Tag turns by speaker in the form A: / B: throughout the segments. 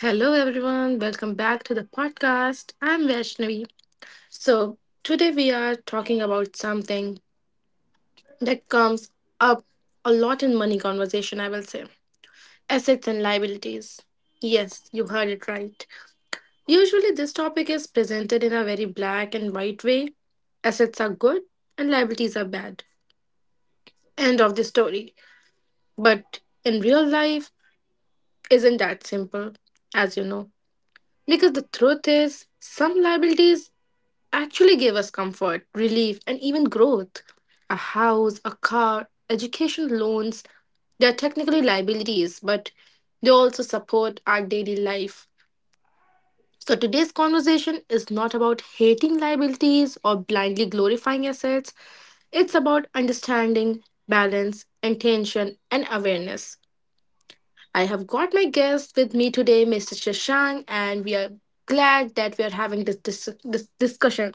A: Hello, everyone. Welcome back to the podcast. I'm Vaishnavi. So, today we are talking about something that comes up a lot in money conversation, I will say assets and liabilities. Yes, you heard it right. Usually, this topic is presented in a very black and white way. Assets are good and liabilities are bad. End of the story. But in real life, isn't that simple, as you know. Because the truth is, some liabilities actually gave us comfort, relief, and even growth. A house, a car, education loans, they are technically liabilities, but they also support our daily life. So today's conversation is not about hating liabilities or blindly glorifying assets. It's about understanding, balance, intention, and awareness. I have got my guest with me today, Mr. Shashank, and we are glad that we are having this discussion.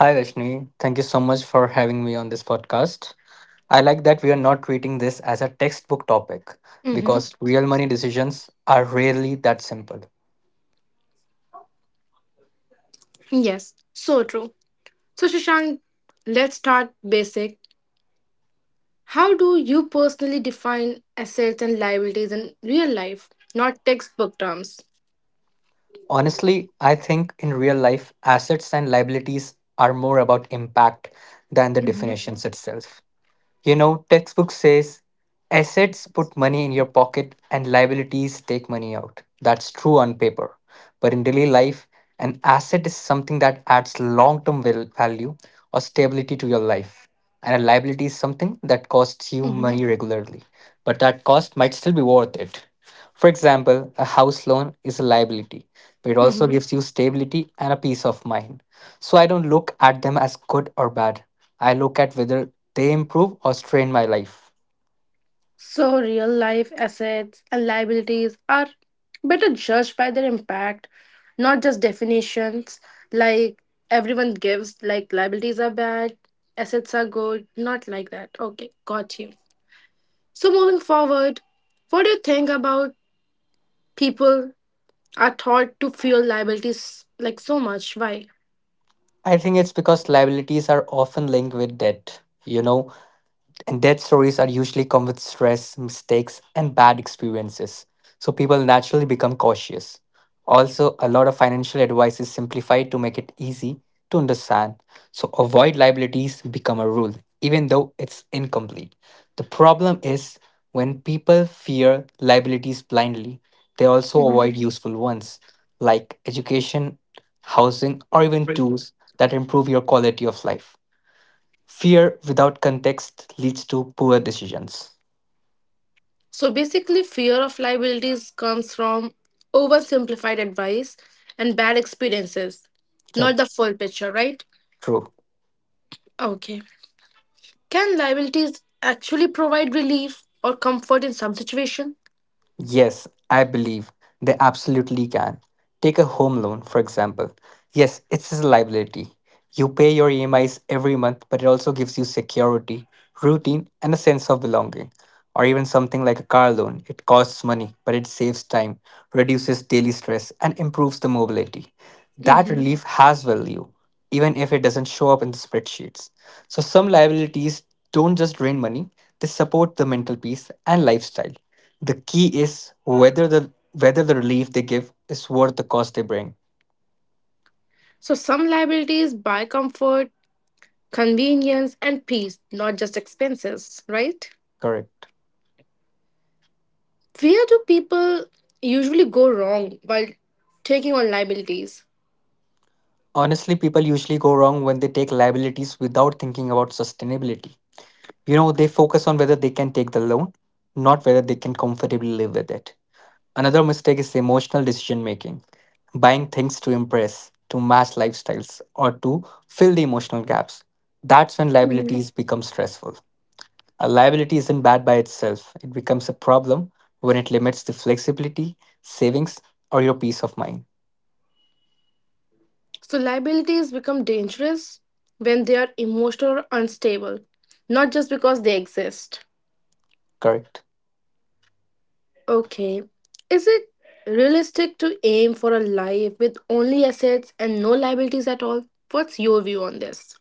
B: Hi, Rashni. Thank you so much for having me on this podcast. I like that we are not treating this as a textbook topic because real money decisions are rarely that simple.
A: Yes, so true. So, Shashank, let's start basic. How do you personally define assets and liabilities in real life, not textbook terms?
B: Honestly, I think in real life, assets and liabilities are more about impact than the
A: Hmm.
B: definitions itself. Textbook says assets put money in your pocket and liabilities take money out. That's true on paper. But in daily life, an asset is something that adds long term value or stability to your life. And a liability is something that costs you
A: Hmm.
B: money regularly, but that cost might still be worth it. For example, a house loan is a liability, but it also
A: Hmm.
B: gives you stability and a peace of mind. So I don't look at them as good or bad. I look at whether they improve or strain my life.
A: So, real life assets and liabilities are better judged by their impact, not just definitions like everyone gives, like liabilities are bad, assets are good, not like that. Okay, got you. So, moving forward, what do you think about people are taught to fear liabilities like so much. Why?
B: I think it's because liabilities are often linked with debt. And death stories are usually come with stress, mistakes, and bad experiences. So people naturally become cautious. Also, a lot of financial advice is simplified to make it easy to understand. So avoid liabilities become a rule, even though it's incomplete. The problem is when people fear liabilities blindly, they also
A: Mhm.
B: avoid useful ones like education, housing, or even tools that improve your quality of life. Fear without context leads to poor decisions.
A: So basically, fear of liabilities comes from oversimplified advice and bad experiences, not
B: Yep,
A: the full picture, right?
B: true.
A: Okay. Can liabilities actually provide relief or comfort in some situation?
B: Yes, I believe they absolutely can. Take a home loan, for example. Yes, it's a liability. You pay your EMIs every month, but it also gives you security, routine, and a sense of belonging. Or even something like a car loan. It costs money, but it saves time, reduces daily stress, and improves the mobility. That
A: Mhm.
B: relief has value, even if it doesn't show up in the spreadsheets. So, some liabilities don't just drain money, they support the mental peace and lifestyle. The key is whether the relief they give is worth the cost they bring.
A: So some liabilities buy comfort, convenience, and peace, not just expenses, right?
B: Correct.
A: Where do people usually go wrong while taking on liabilities?
B: Honestly, people usually go wrong when they take liabilities without thinking about sustainability. You know, they focus on whether they can take the loan, not whether they can comfortably live with it. Another mistake is emotional decision making, buying things to impress, to match lifestyles, or to fill the emotional gaps. That's when liabilities become stressful. A liability isn't bad by itself, it becomes a problem when it limits the flexibility, savings, or your peace of mind.
A: So liabilities become dangerous when they are emotional or unstable, not just because they exist.
B: Correct.
A: Okay, is it realistic to aim for a life with only assets and no liabilities at all? What's your view on this?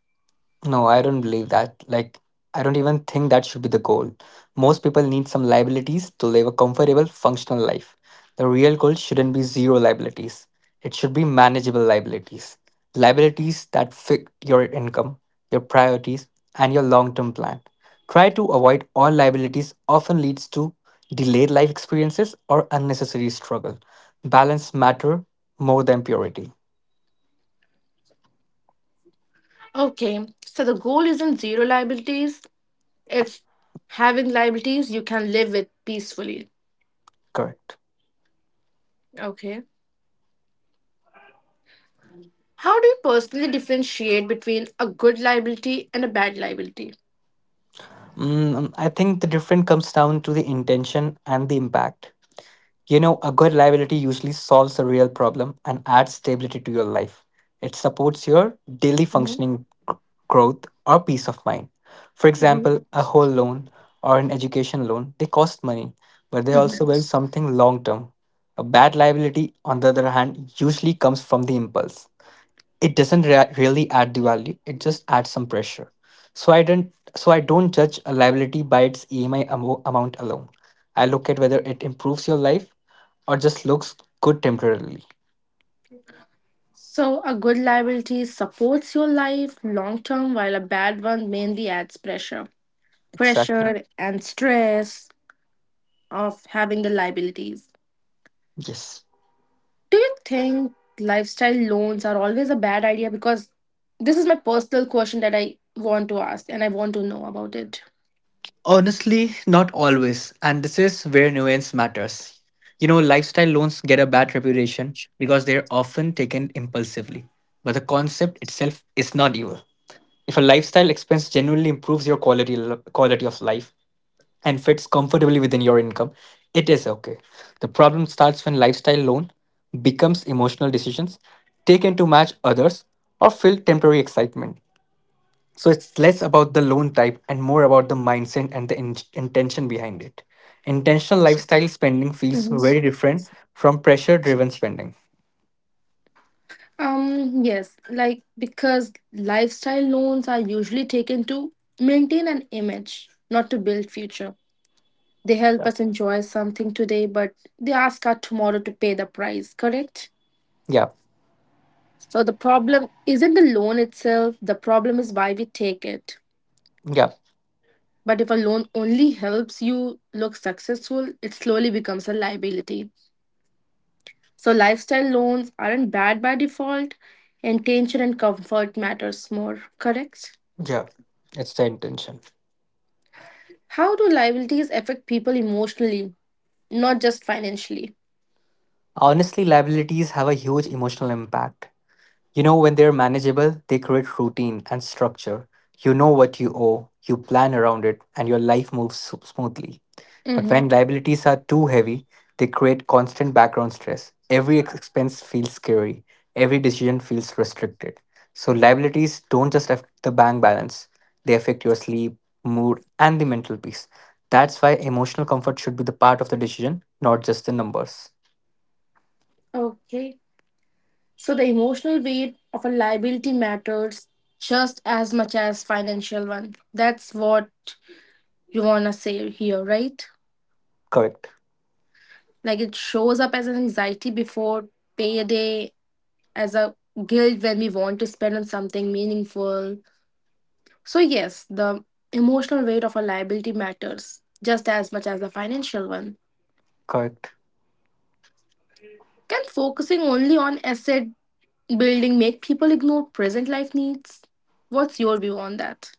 B: No, I don't believe that. Like, I don't even think that should be the goal. Most people need some liabilities to live a comfortable, functional life. The real goal shouldn't be zero liabilities, it should be manageable liabilities. Liabilities that fit your income, your priorities, and your long term plan. Try to avoid all liabilities often leads to delayed life experiences or unnecessary struggle. Balance matter more than purity.
A: Okay, so the goal isn't zero liabilities, it's having liabilities you can live with peacefully.
B: Correct.
A: Okay. How do you personally differentiate between a good liability and a bad liability?
B: Mm, I think the difference comes down to the intention and the impact. You know, a good liability usually solves a real problem and adds stability to your life. It supports your daily
A: Mhm.
B: functioning, g- growth, or peace of mind. For
A: Mhm.
B: example, a whole loan or an education loan, they cost money, but they
A: Mhm.
B: also build something long term. A bad liability, on the other hand, usually comes from the impulse, it doesn't really add the value, it just adds some pressure. So I don't judge a liability by its EMI amount alone. I look at whether it improves your life or just looks good temporarily.
A: So, a good liability supports your life long term, while a bad one mainly adds pressure.
B: Exactly.
A: Pressure and stress of having the liabilities.
B: Yes.
A: Do you think lifestyle loans are always a bad idea? Because this is my personal question that I want to ask and I want to know about it.
B: Honestly, not always, and this is where nuance matters. You know, lifestyle loans get a bad reputation because they're often taken impulsively, but the concept itself is not evil. If a lifestyle expense genuinely improves your quality of life and fits comfortably within your income, it is okay. The problem starts when lifestyle loan becomes emotional decisions taken to match others or fill temporary excitement. So it's less about the loan type and more about the mindset and the intention behind it. Intentional lifestyle spending feels very different from pressure driven spending.
A: Yes, like because lifestyle loans are usually taken to maintain an image, not to build future. They help
B: Yeah.
A: us enjoy something today, but they ask us tomorrow to pay the price, correct?
B: Yeah.
A: So the problem isn't the loan itself, the problem is why we take it.
B: Yeah.
A: But if a loan only helps you look successful, it slowly becomes a liability. So lifestyle loans aren't bad by default, intention and comfort matters more, correct?
B: Yeah. It's the intention.
A: How do liabilities affect people emotionally, not just financially?
B: Honestly, liabilities have a huge emotional impact. You know, when they're manageable, they create routine and structure. You know what you owe, you plan around it, and your life moves smoothly. But
A: Mm-hmm.
B: when liabilities are too heavy, they create constant background stress. Every expense feels scary, every decision feels restricted. So, liabilities don't just affect the bank balance, they affect your sleep, mood, and the mental peace. That's why emotional comfort should be the part of the decision, not just the numbers.
A: Okay. So the emotional weight of a liability matters just as much as financial one. That's what you wanna say here, right?
B: Correct.
A: Like it shows up as an anxiety before payday, as a guilt when we want to spend on something meaningful. So yes, the emotional weight of a liability matters just as much as the financial one.
B: Correct.
A: Can focusing only on asset building make people ignore present life needs? What's your view on that?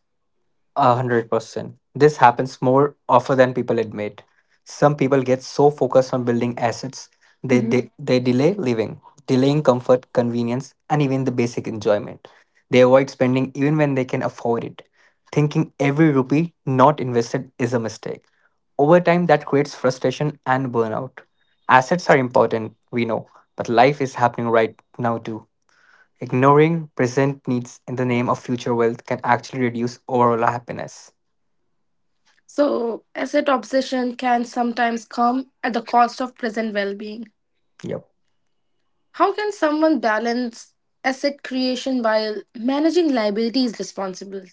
B: 100%. This happens more often than people admit. Some people get so focused on building assets, they,
A: Mhm.
B: they, they delay living, delaying comfort, convenience, and even the basic enjoyment. They avoid spending even when they can afford it, thinking every rupee not invested is a mistake. Over time, that creates frustration and burnout. Assets are important, we know, but life is happening right now too. Ignoring present needs in the name of future wealth can actually reduce overall happiness.
A: So, asset obsession can sometimes come at the cost of present well being.
B: Yep.
A: How can someone balance asset creation while managing liabilities responsibly?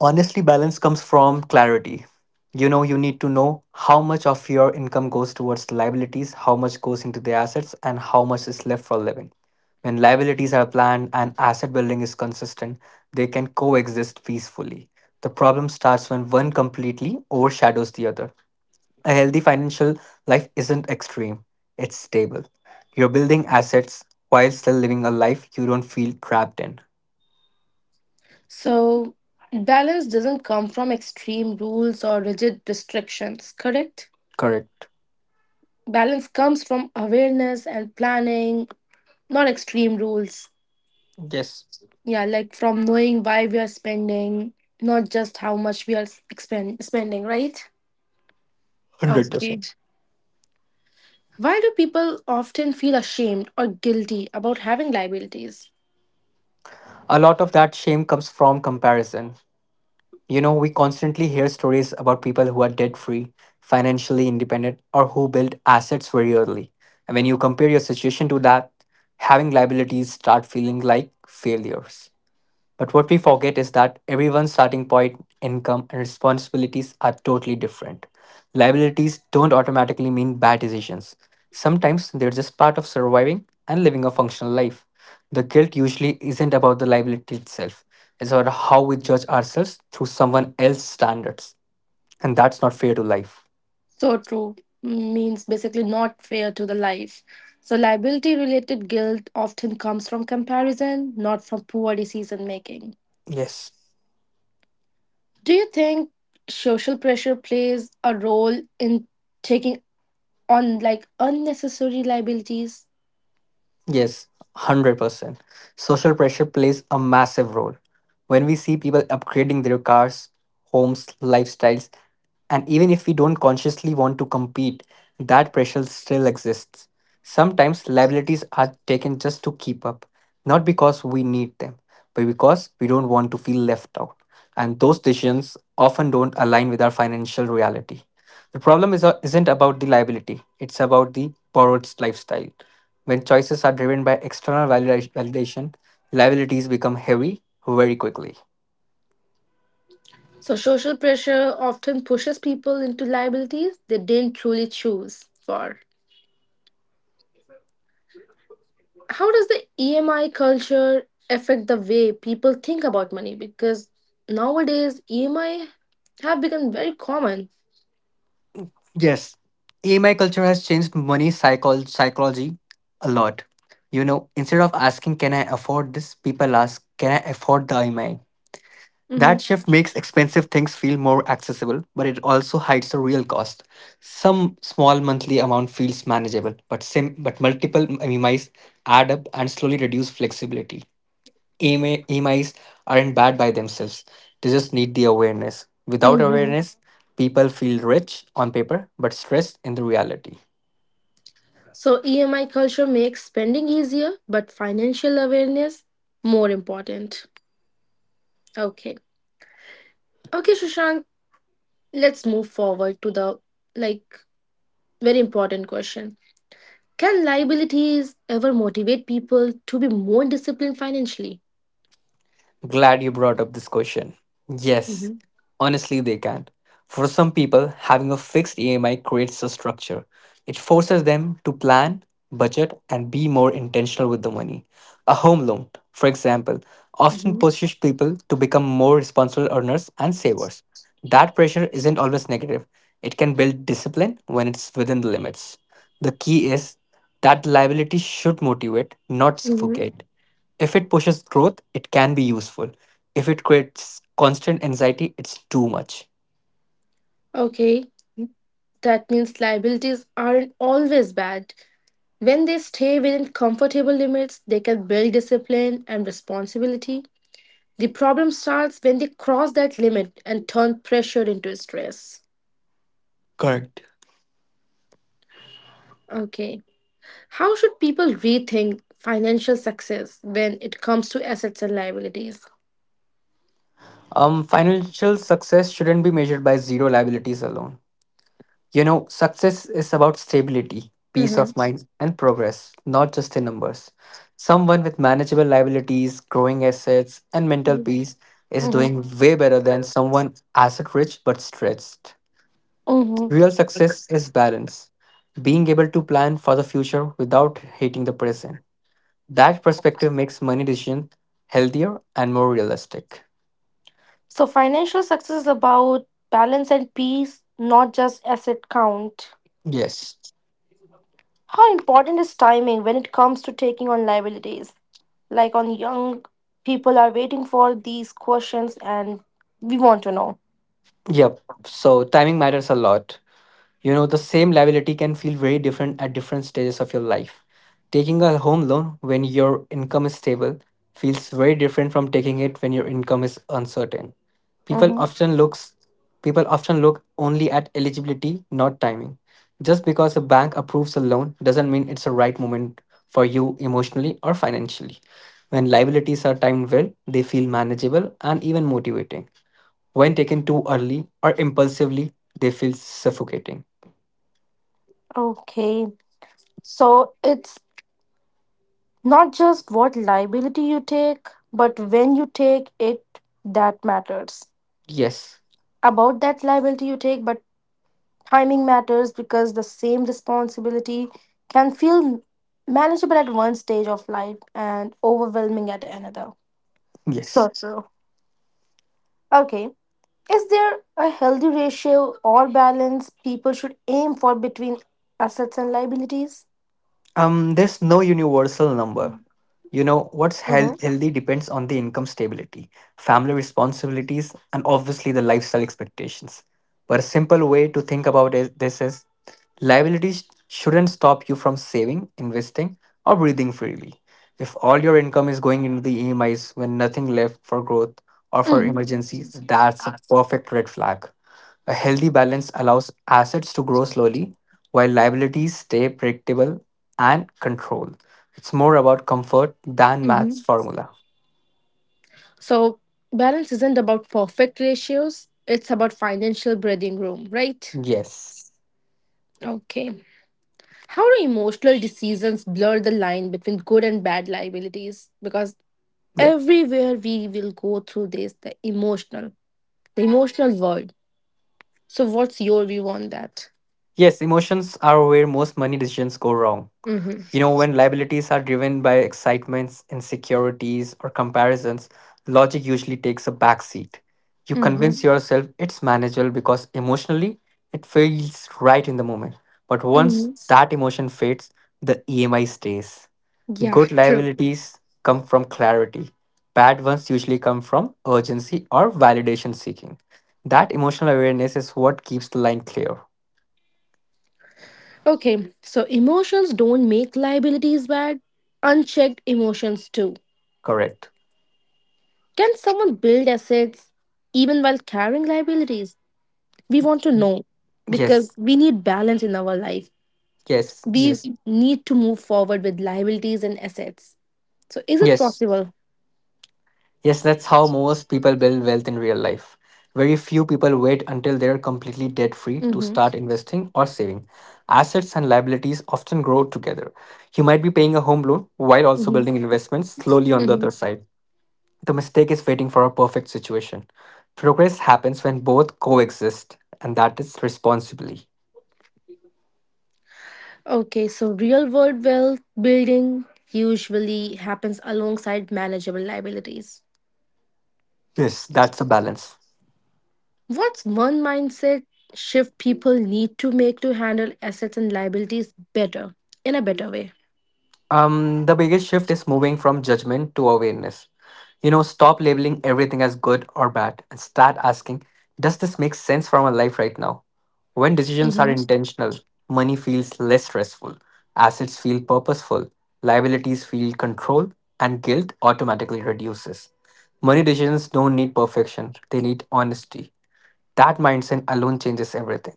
B: Honestly, balance comes from clarity. You know, you need to know how much of your income goes towards liabilities, how much goes into the assets, and how much is left for living. When liabilities are planned and asset building is consistent, they can coexist peacefully. The problem starts when one completely overshadows the other. A healthy financial life isn't extreme, it's stable. You're building assets while still living a life you don't feel trapped in.
A: So, balance doesn't come from extreme rules or rigid restrictions, correct?
B: Correct.
A: Balance comes from awareness and planning, not extreme rules.
B: Yes.
A: Yeah, like from knowing why we are spending, not just how much we are spending, right? Okay.
B: 100%.
A: Why do people often feel ashamed or guilty about having liabilities?
B: A lot of that shame comes from comparison. You know, we constantly hear stories about people who are debt free, financially independent, or who built assets very early. And when you compare your situation to that, having liabilities start feeling like failures. But what we forget is that everyone's starting point, income, and responsibilities are totally different. Liabilities don't automatically mean bad decisions. Sometimes they're just part of surviving and living a functional life. The guilt usually isn't about the liability itself, it's about how we judge ourselves through someone else's standards. And that's not fair to life.
A: So true, means basically not fair to the life. So liability related guilt often comes from comparison, not from poor decision making.
B: Yes,
A: Do you think social pressure plays a role in taking on like unnecessary liabilities?
B: yes, 100%. Social pressure plays a massive role. When we see people upgrading their cars, homes, lifestyles, and even if we don't consciously want to compete, that pressure still exists. Sometimes liabilities are taken just to keep up, not because we need them, but because we don't want to feel left out. And those decisions often don't align with our financial reality. The problem is, isn't about the liability, it's about the borrowed lifestyle. When choices are driven by external validation, liabilities become heavy very quickly.
A: So, social pressure often pushes people into liabilities they didn't truly choose for. How does the EMI culture affect the way people think about money? Because nowadays, EMI have become very common.
B: Yes, EMI culture has changed money psychology a lot. You know, instead of asking, can I afford this, people ask, can I afford the EMI?
A: Hmm.
B: That shift makes expensive things feel more accessible, but it also hides the real cost. Some small monthly amount feels manageable, but but multiple EMIs add up and slowly reduce flexibility. EMIs aren't bad by themselves. They just need the awareness. Without
A: Hmm.
B: awareness, people feel rich on paper but stressed in the reality.
A: So, EMI culture makes spending easier, but financial awareness more important. Okay. Okay, Shushank, let's move forward to the like very important question. Can liabilities ever motivate people to be more disciplined financially?
B: Glad you brought up this question. Yes,
A: Hmm.
B: honestly, they can. For some people, having a fixed EMI creates a structure. It forces them to plan, budget, and be more intentional with the money. A home loan, for example, often
A: Hmm.
B: pushes people to become more responsible earners and savers. That pressure isn't always negative, it can build discipline when it's within the limits. The key is that liability should motivate, not
A: Hmm.
B: suffocate. If it pushes growth, it can be useful. If it creates constant anxiety, it's too much.
A: Okay, that means liabilities aren't always bad. When they stay within comfortable limits, they can build discipline and responsibility. The problem starts when they cross that limit and turn pressure into stress.
B: Correct.
A: Okay, how should people rethink financial success when it comes to assets and liabilities?
B: Financial success shouldn't be measured by zero liabilities alone. You know, success is about stability, peace
A: Mm-hmm.
B: of mind, and progress, not just in numbers. Someone with manageable liabilities, growing assets, and mental peace is
A: Mm-hmm.
B: doing way better than someone asset rich but stressed.
A: Mm-hmm.
B: Real success is balance, being able to plan for the future without hating the present. That perspective makes money decisions healthier and more realistic.
A: So financial success is about balance and peace, not just asset count.
B: Yes.
A: How important is timing when it comes to taking on liabilities? Like on young people are waiting for these questions and we want to know.
B: Yep. So timing matters a lot. You know, the same liability can feel very different at different stages of your life. Taking a home loan when your income is stable feels very different from taking it when your income is uncertain. People
A: Mm-hmm.
B: often looks People often look only at eligibility, not timing. Just because a bank approves a loan doesn't mean it's the right moment for you emotionally or financially. When liabilities are timed well, they feel manageable and even motivating. When taken too early or impulsively, they feel suffocating.
A: Okay. So it's not just what liability you take, but when you take it that matters.
B: Yes,
A: About that liability you take, but timing matters because the same responsibility can feel manageable at one stage of life and overwhelming at another. So
B: yes.
A: true. Okay. Is there a healthy ratio or balance people should aim for between assets and liabilities?
B: There's no universal number. You know, what's
A: Mm-hmm.
B: healthy depends on the income stability, family responsibilities, and obviously the lifestyle expectations. But a simple way to think about it, this is: liabilities shouldn't stop you from saving, investing, or breathing freely. If all your income is going into the EMIs when nothing left for growth or for
A: Mm-hmm.
B: emergencies, that's a perfect red flag. A healthy balance allows assets to grow slowly while liabilities stay predictable and controlled. It's more about comfort than math's
A: Mm-hmm.
B: formula.
A: So, balance isn't about perfect ratios, it's about financial breathing room, right?
B: Yes.
A: Okay. How do emotional decisions blur the line between good and bad liabilities? Because
B: Yep.
A: everywhere we will go through this, the emotional, the emotional world, so what's your view on that?
B: Yes, emotions are where most money decisions go wrong.
A: Mm-hmm.
B: You know, when liabilities are driven by excitements, insecurities, or comparisons, logic usually takes a backseat. You convince
A: Mm-hmm.
B: yourself it's manageable because emotionally it feels right in the moment. But once
A: Mm-hmm.
B: that emotion fades, the EMI stays.
A: Yeah,
B: Good
A: true.
B: liabilities come from clarity. Bad ones usually come from urgency or validation seeking. That emotional awareness is what keeps the line clear.
A: Okay, so emotions don't make liabilities bad, unchecked emotions too.
B: Correct.
A: Can someone build assets even while carrying liabilities? We want to
B: Y-
A: know,
B: Yes,
A: because we need balance in our life.
B: yes,
A: We
B: yes,
A: need to move forward with liabilities and assets, so is it
B: yes.
A: possible?
B: Yes, that's how most people build wealth in real life. Very few people wait until they're completely debt free to
A: Mm-hmm.
B: start investing or saving. Assets and liabilities often grow together. You might be paying a home loan while also
A: Mm-hmm.
B: building investments slowly on the
A: Mm-hmm.
B: other side. The mistake is waiting for a perfect situation. Progress happens when both coexist, and that is responsibly.
A: Okay, so real world wealth building usually happens alongside manageable liabilities.
B: Yes, that's a balance.
A: What's one mindset shift people need to make to handle assets and liabilities better, in a better way?
B: The biggest shift is moving from judgment to awareness. You know, stop labeling everything as good or bad and start asking, does this make sense for my life right now? When decisions are
A: Hmm.
B: intentional, money feels less stressful, assets feel purposeful, liabilities feel controlled, and guilt automatically reduces. Money decisions don't need perfection, they need honesty. That mindset alone changes everything.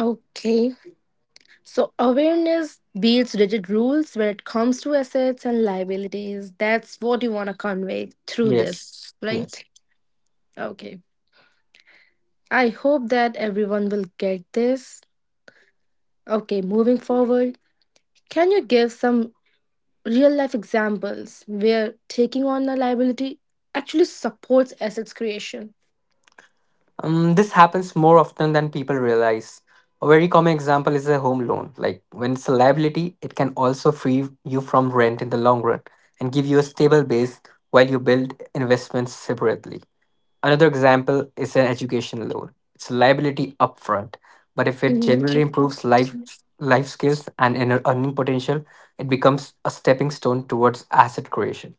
A: Okay, so awareness beats rigid rules when it comes to assets and liabilities. That's what you want to convey through
B: Yes,
A: this,
B: yes.
A: right? Okay, I hope that everyone will get this. Okay, moving forward, can you give some real life examples where taking on a liability actually supports assets creation.
B: This happens more often than people realize. A very common example is a home loan. Like when it's a liability, it can also free you from rent in the long run and give you a stable base while you build investments separately. Another example is an education loan. It's a liability upfront, but if it
A: Mhm.
B: generally improves life life skills and inner earning potential, it becomes a stepping stone towards asset creation.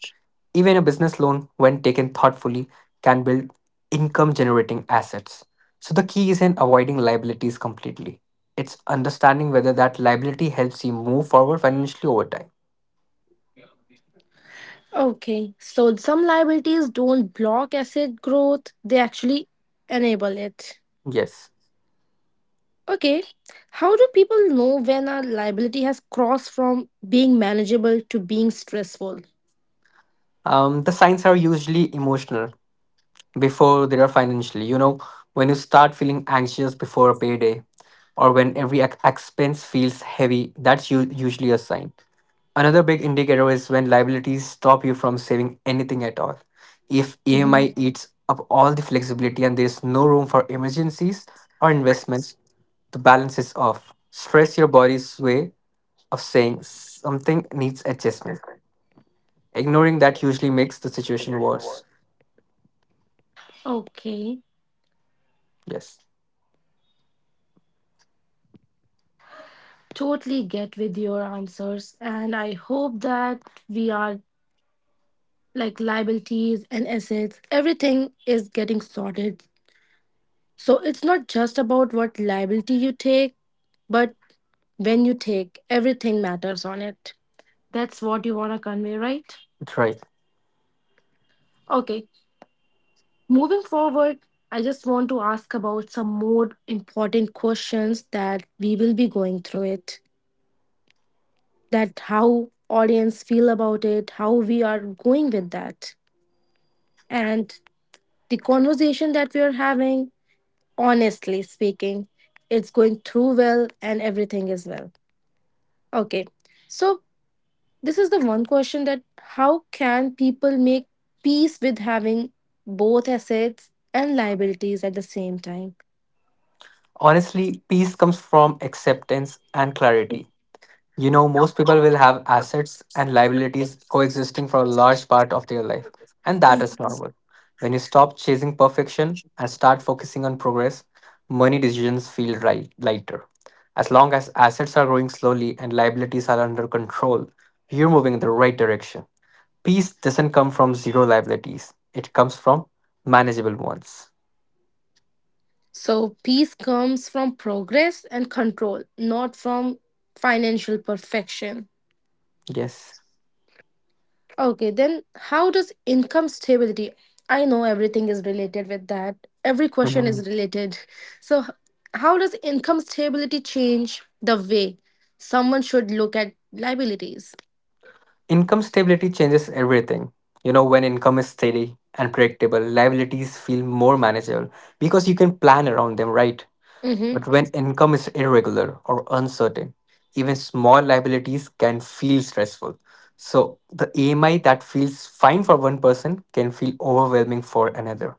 B: Even a business loan, when taken thoughtfully, can build income generating assets. So the key isn't avoiding liabilities completely. It's understanding whether that liability helps you move forward financially over time.
A: Okay, so some liabilities don't block asset growth, they actually enable it.
B: Yes.
A: Okay, how do people know when a liability has crossed from being manageable to being stressful?
B: The signs are usually emotional before they are financially. You know, when you start feeling anxious before a payday or when every expense feels heavy, that's usually a sign. Another big indicator is when liabilities stop you from saving anything at all. If
A: Mhm.
B: EMI eats up all the flexibility and there's no room for emergencies or investments, the balance is off. Stress your body's way of saying something needs adjustment. Ignoring that usually makes the situation worse.
A: Okay,
B: Yes,
A: totally get with your answers, and I hope that we are like liabilities and assets, everything is getting sorted. So it's not just about what liability you take, but when you take, everything matters on it. That's what you want to convey, right?
B: that's right.
A: Okay, moving forward, I just want to ask about some more important questions that we will be going through it. That how audience feel about it, how we are going with that. And the conversation that we are having, honestly speaking, it's going through well and everything is well. Okay. So, this is the one question: that how can people make peace with having both assets and liabilities at the same time?
B: Honestly, peace comes from acceptance and clarity. You know, most people will have assets and liabilities coexisting for a large part of their life, and that is normal. When you stop chasing perfection and start focusing on progress, money decisions feel right, lighter. As long as assets are growing slowly and liabilities are under control, you're moving in the right direction. Peace doesn't come from zero liabilities, it comes from manageable ones.
A: So, peace comes from progress and control, not from financial perfection.
B: Yes.
A: Okay, then how does income stability? I know everything is related with that. Every question is related. So, how does income stability change the way someone should look at liabilities?
B: Income stability changes everything. You know, when income is steady and predictable, liabilities feel more manageable because you can plan around them, right?
A: Mm-hmm.
B: But when income is irregular or uncertain, even small liabilities can feel stressful. So the AMI that feels fine for one person can feel overwhelming for another.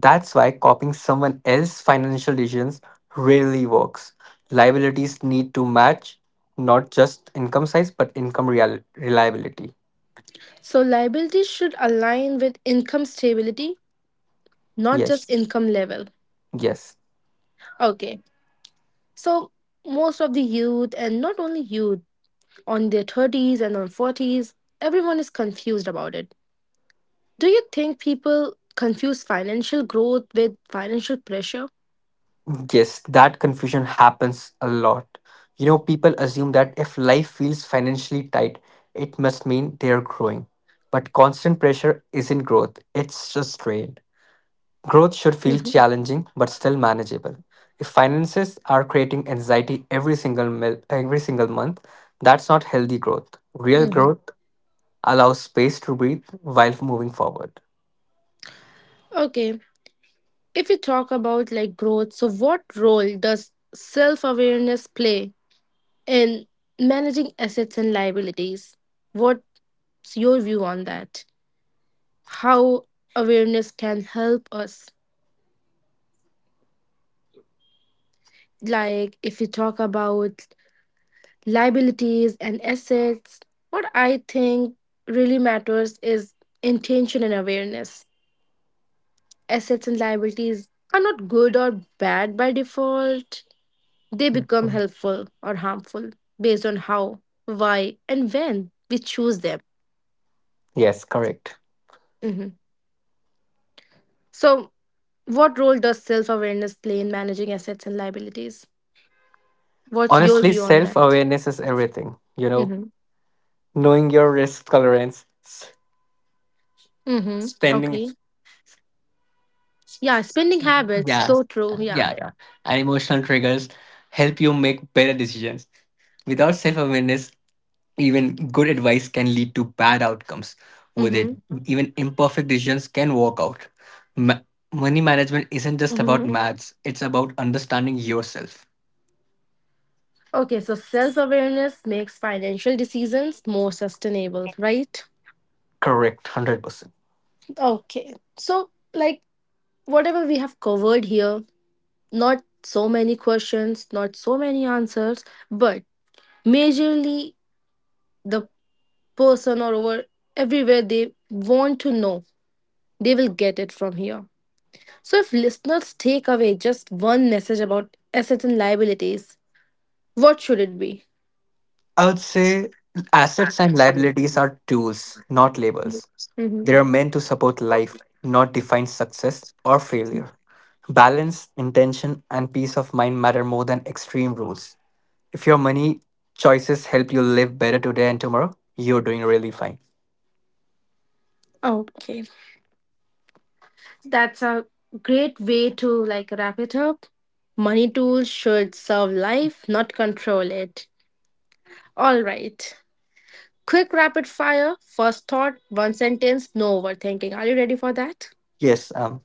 B: That's why copying someone else's financial decisions rarely works. Liabilities need to match not just income size but income reliability.
A: So liabilities should align with income stability, not just
B: Yes,
A: income level.
B: yes,
A: Okay. So most of the youth and not only youth on their 30s and on 40s, everyone is confused about it. Do you think people confuse financial growth with financial pressure?
B: yes. That confusion happens a lot. You know, people assume that if life feels financially tight, it must mean they are growing. But constant pressure isn't growth, it's just strain. Growth should feel
A: Mhm.
B: challenging but still manageable. If finances are creating anxiety every single month, that's not healthy growth. Real
A: Mhm.
B: growth allows space to breathe while moving forward.
A: Okay. If we talk about like growth, so what role does self awareness play in managing assets and liabilities? What's your view on that? How awareness can help us? Like, if we talk about liabilities and assets, what I think really matters is intention and awareness. Assets and liabilities are not good or bad by default. They become
B: Mhm.
A: helpful or harmful based on how, why, and when we choose them.
B: Yes, correct.
A: Mhm. So, what role does self awareness play in managing assets and liabilities? What's your
B: Honestly,
A: view on
B: self
A: that?
B: awareness is everything. You know,
A: Mm-hmm.
B: knowing your risk tolerance,
A: Mm-hmm.
B: spending,
A: Okay. Yeah, spending habits.
B: yeah,
A: So true. Yeah.
B: yeah, and emotional triggers help you make better decisions. Without self awareness, even good advice can lead to bad outcomes. With it,
A: Mm-hmm.
B: even imperfect decisions can work out. Ma- Money management isn't just about
A: Mm-hmm.
B: maths, it's about understanding yourself.
A: Okay, so self awareness makes financial decisions more sustainable, right?
B: Correct, 100%.
A: Okay. So, like, whatever we have covered here, not so many questions, not so many answers, but majorly the person or over everywhere they want to know, they will get it from here. So, if listeners take away just one message about assets and liabilities, what should it be?
B: I would say assets and liabilities are tools, not labels.
A: Mm-hmm.
B: They are meant to support life, not define success or failure. Balance, intention, and peace of mind matter more than extreme rules. If your money choices help you live better today and tomorrow, you're doing really fine.
A: Okay, that's a great way to like wrap it up. Money tools should serve life, not control it. All right. Quick rapid fire, first thought, one sentence, no overthinking. Are you ready for that?
B: Yes,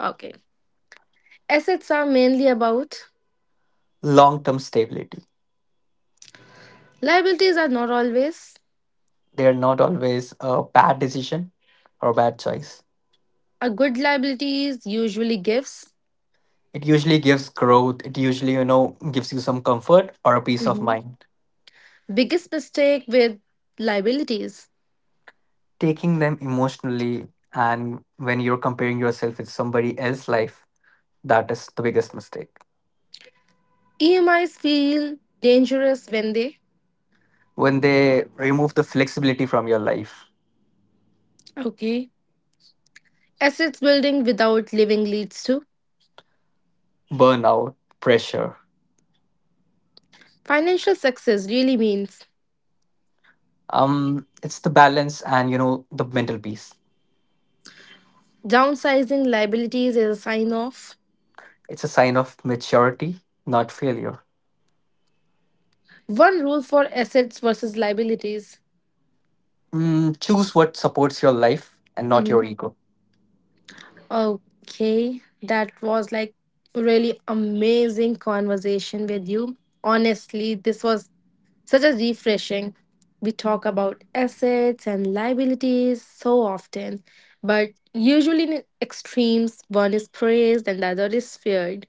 A: Okay. Assets are mainly about.
B: long term stability.
A: Liabilities are not always.
B: They are not always a bad decision or bad choice.
A: A good liability is usually gifts.
B: It usually gives growth, it usually, you know, gives you some comfort or a peace of
A: Mhm.
B: mind.
A: Biggest mistake with liabilities.
B: Taking them emotionally and when you're comparing yourself with somebody else's life. That is the biggest mistake.
A: EMIs feel dangerous when they.
B: When they remove the flexibility from your life,
A: Okay. Assets building without living leads to.
B: burnout, pressure.
A: Financial success really means.
B: It's the balance and you know the mental peace.
A: Downsizing liabilities is a sign of.
B: It's a sign of maturity, not failure.
A: One rule for assets versus liabilities.
B: Mm, choose what supports your life and not your
A: Mhm.
B: ego.
A: Okay, that was like really amazing conversation with you. Honestly, this was such a refreshing. We talk about assets and liabilities so often, but usually in extremes, one is praised and the other is feared.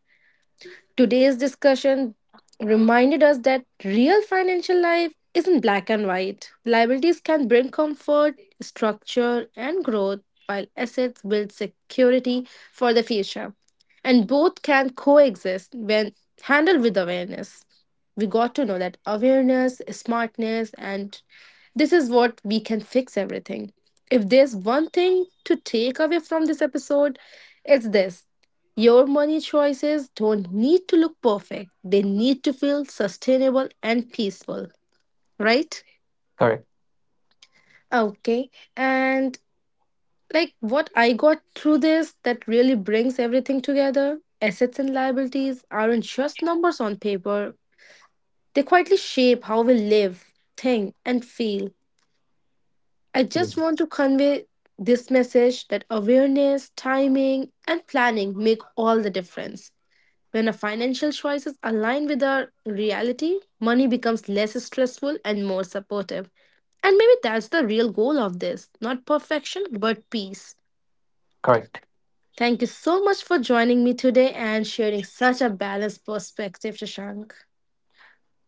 A: Today's discussion reminded us that real financial life isn't black and white. Liabilities can bring comfort, structure, and growth, while assets build security for the future. And both can coexist when handled with awareness. We got to know that awareness, smartness, and this is what we can fix everything. If there's one thing to take away from this episode, it's this: your money choices don't need to look perfect, they need to feel sustainable and peaceful, right?
B: Correct.
A: Okay, and like what I got through this, that really brings everything together: assets and liabilities aren't just numbers on paper, they quietly shape how we live, think, and feel. I just want
B: Yes.
A: to convey this message that awareness, timing, and planning make all the difference. When our financial choices align with our reality, money becomes less stressful and more supportive. And maybe that's the real goal of this, not perfection, but peace.
B: Correct.
A: Thank you so much for joining me today and sharing such a balanced perspective, Shashank.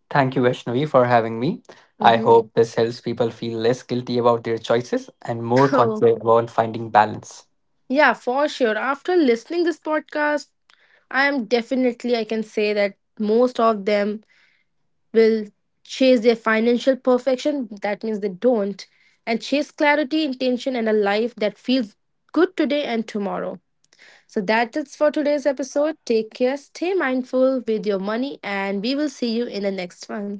B: Thank you, Vaishnavi, for having me. I
A: Hmm.
B: hope this helps people feel less guilty about their choices and more
A: Oh,
B: confident about finding balance.
A: yeah, for sure. After listening this podcast, I am definitely I can say that most of them will chase their financial perfection, that means they don't, and chase clarity, intention, and a life that feels good today and tomorrow. So that is for today's episode. Take care, stay mindful with your money, and we will see you in the next one.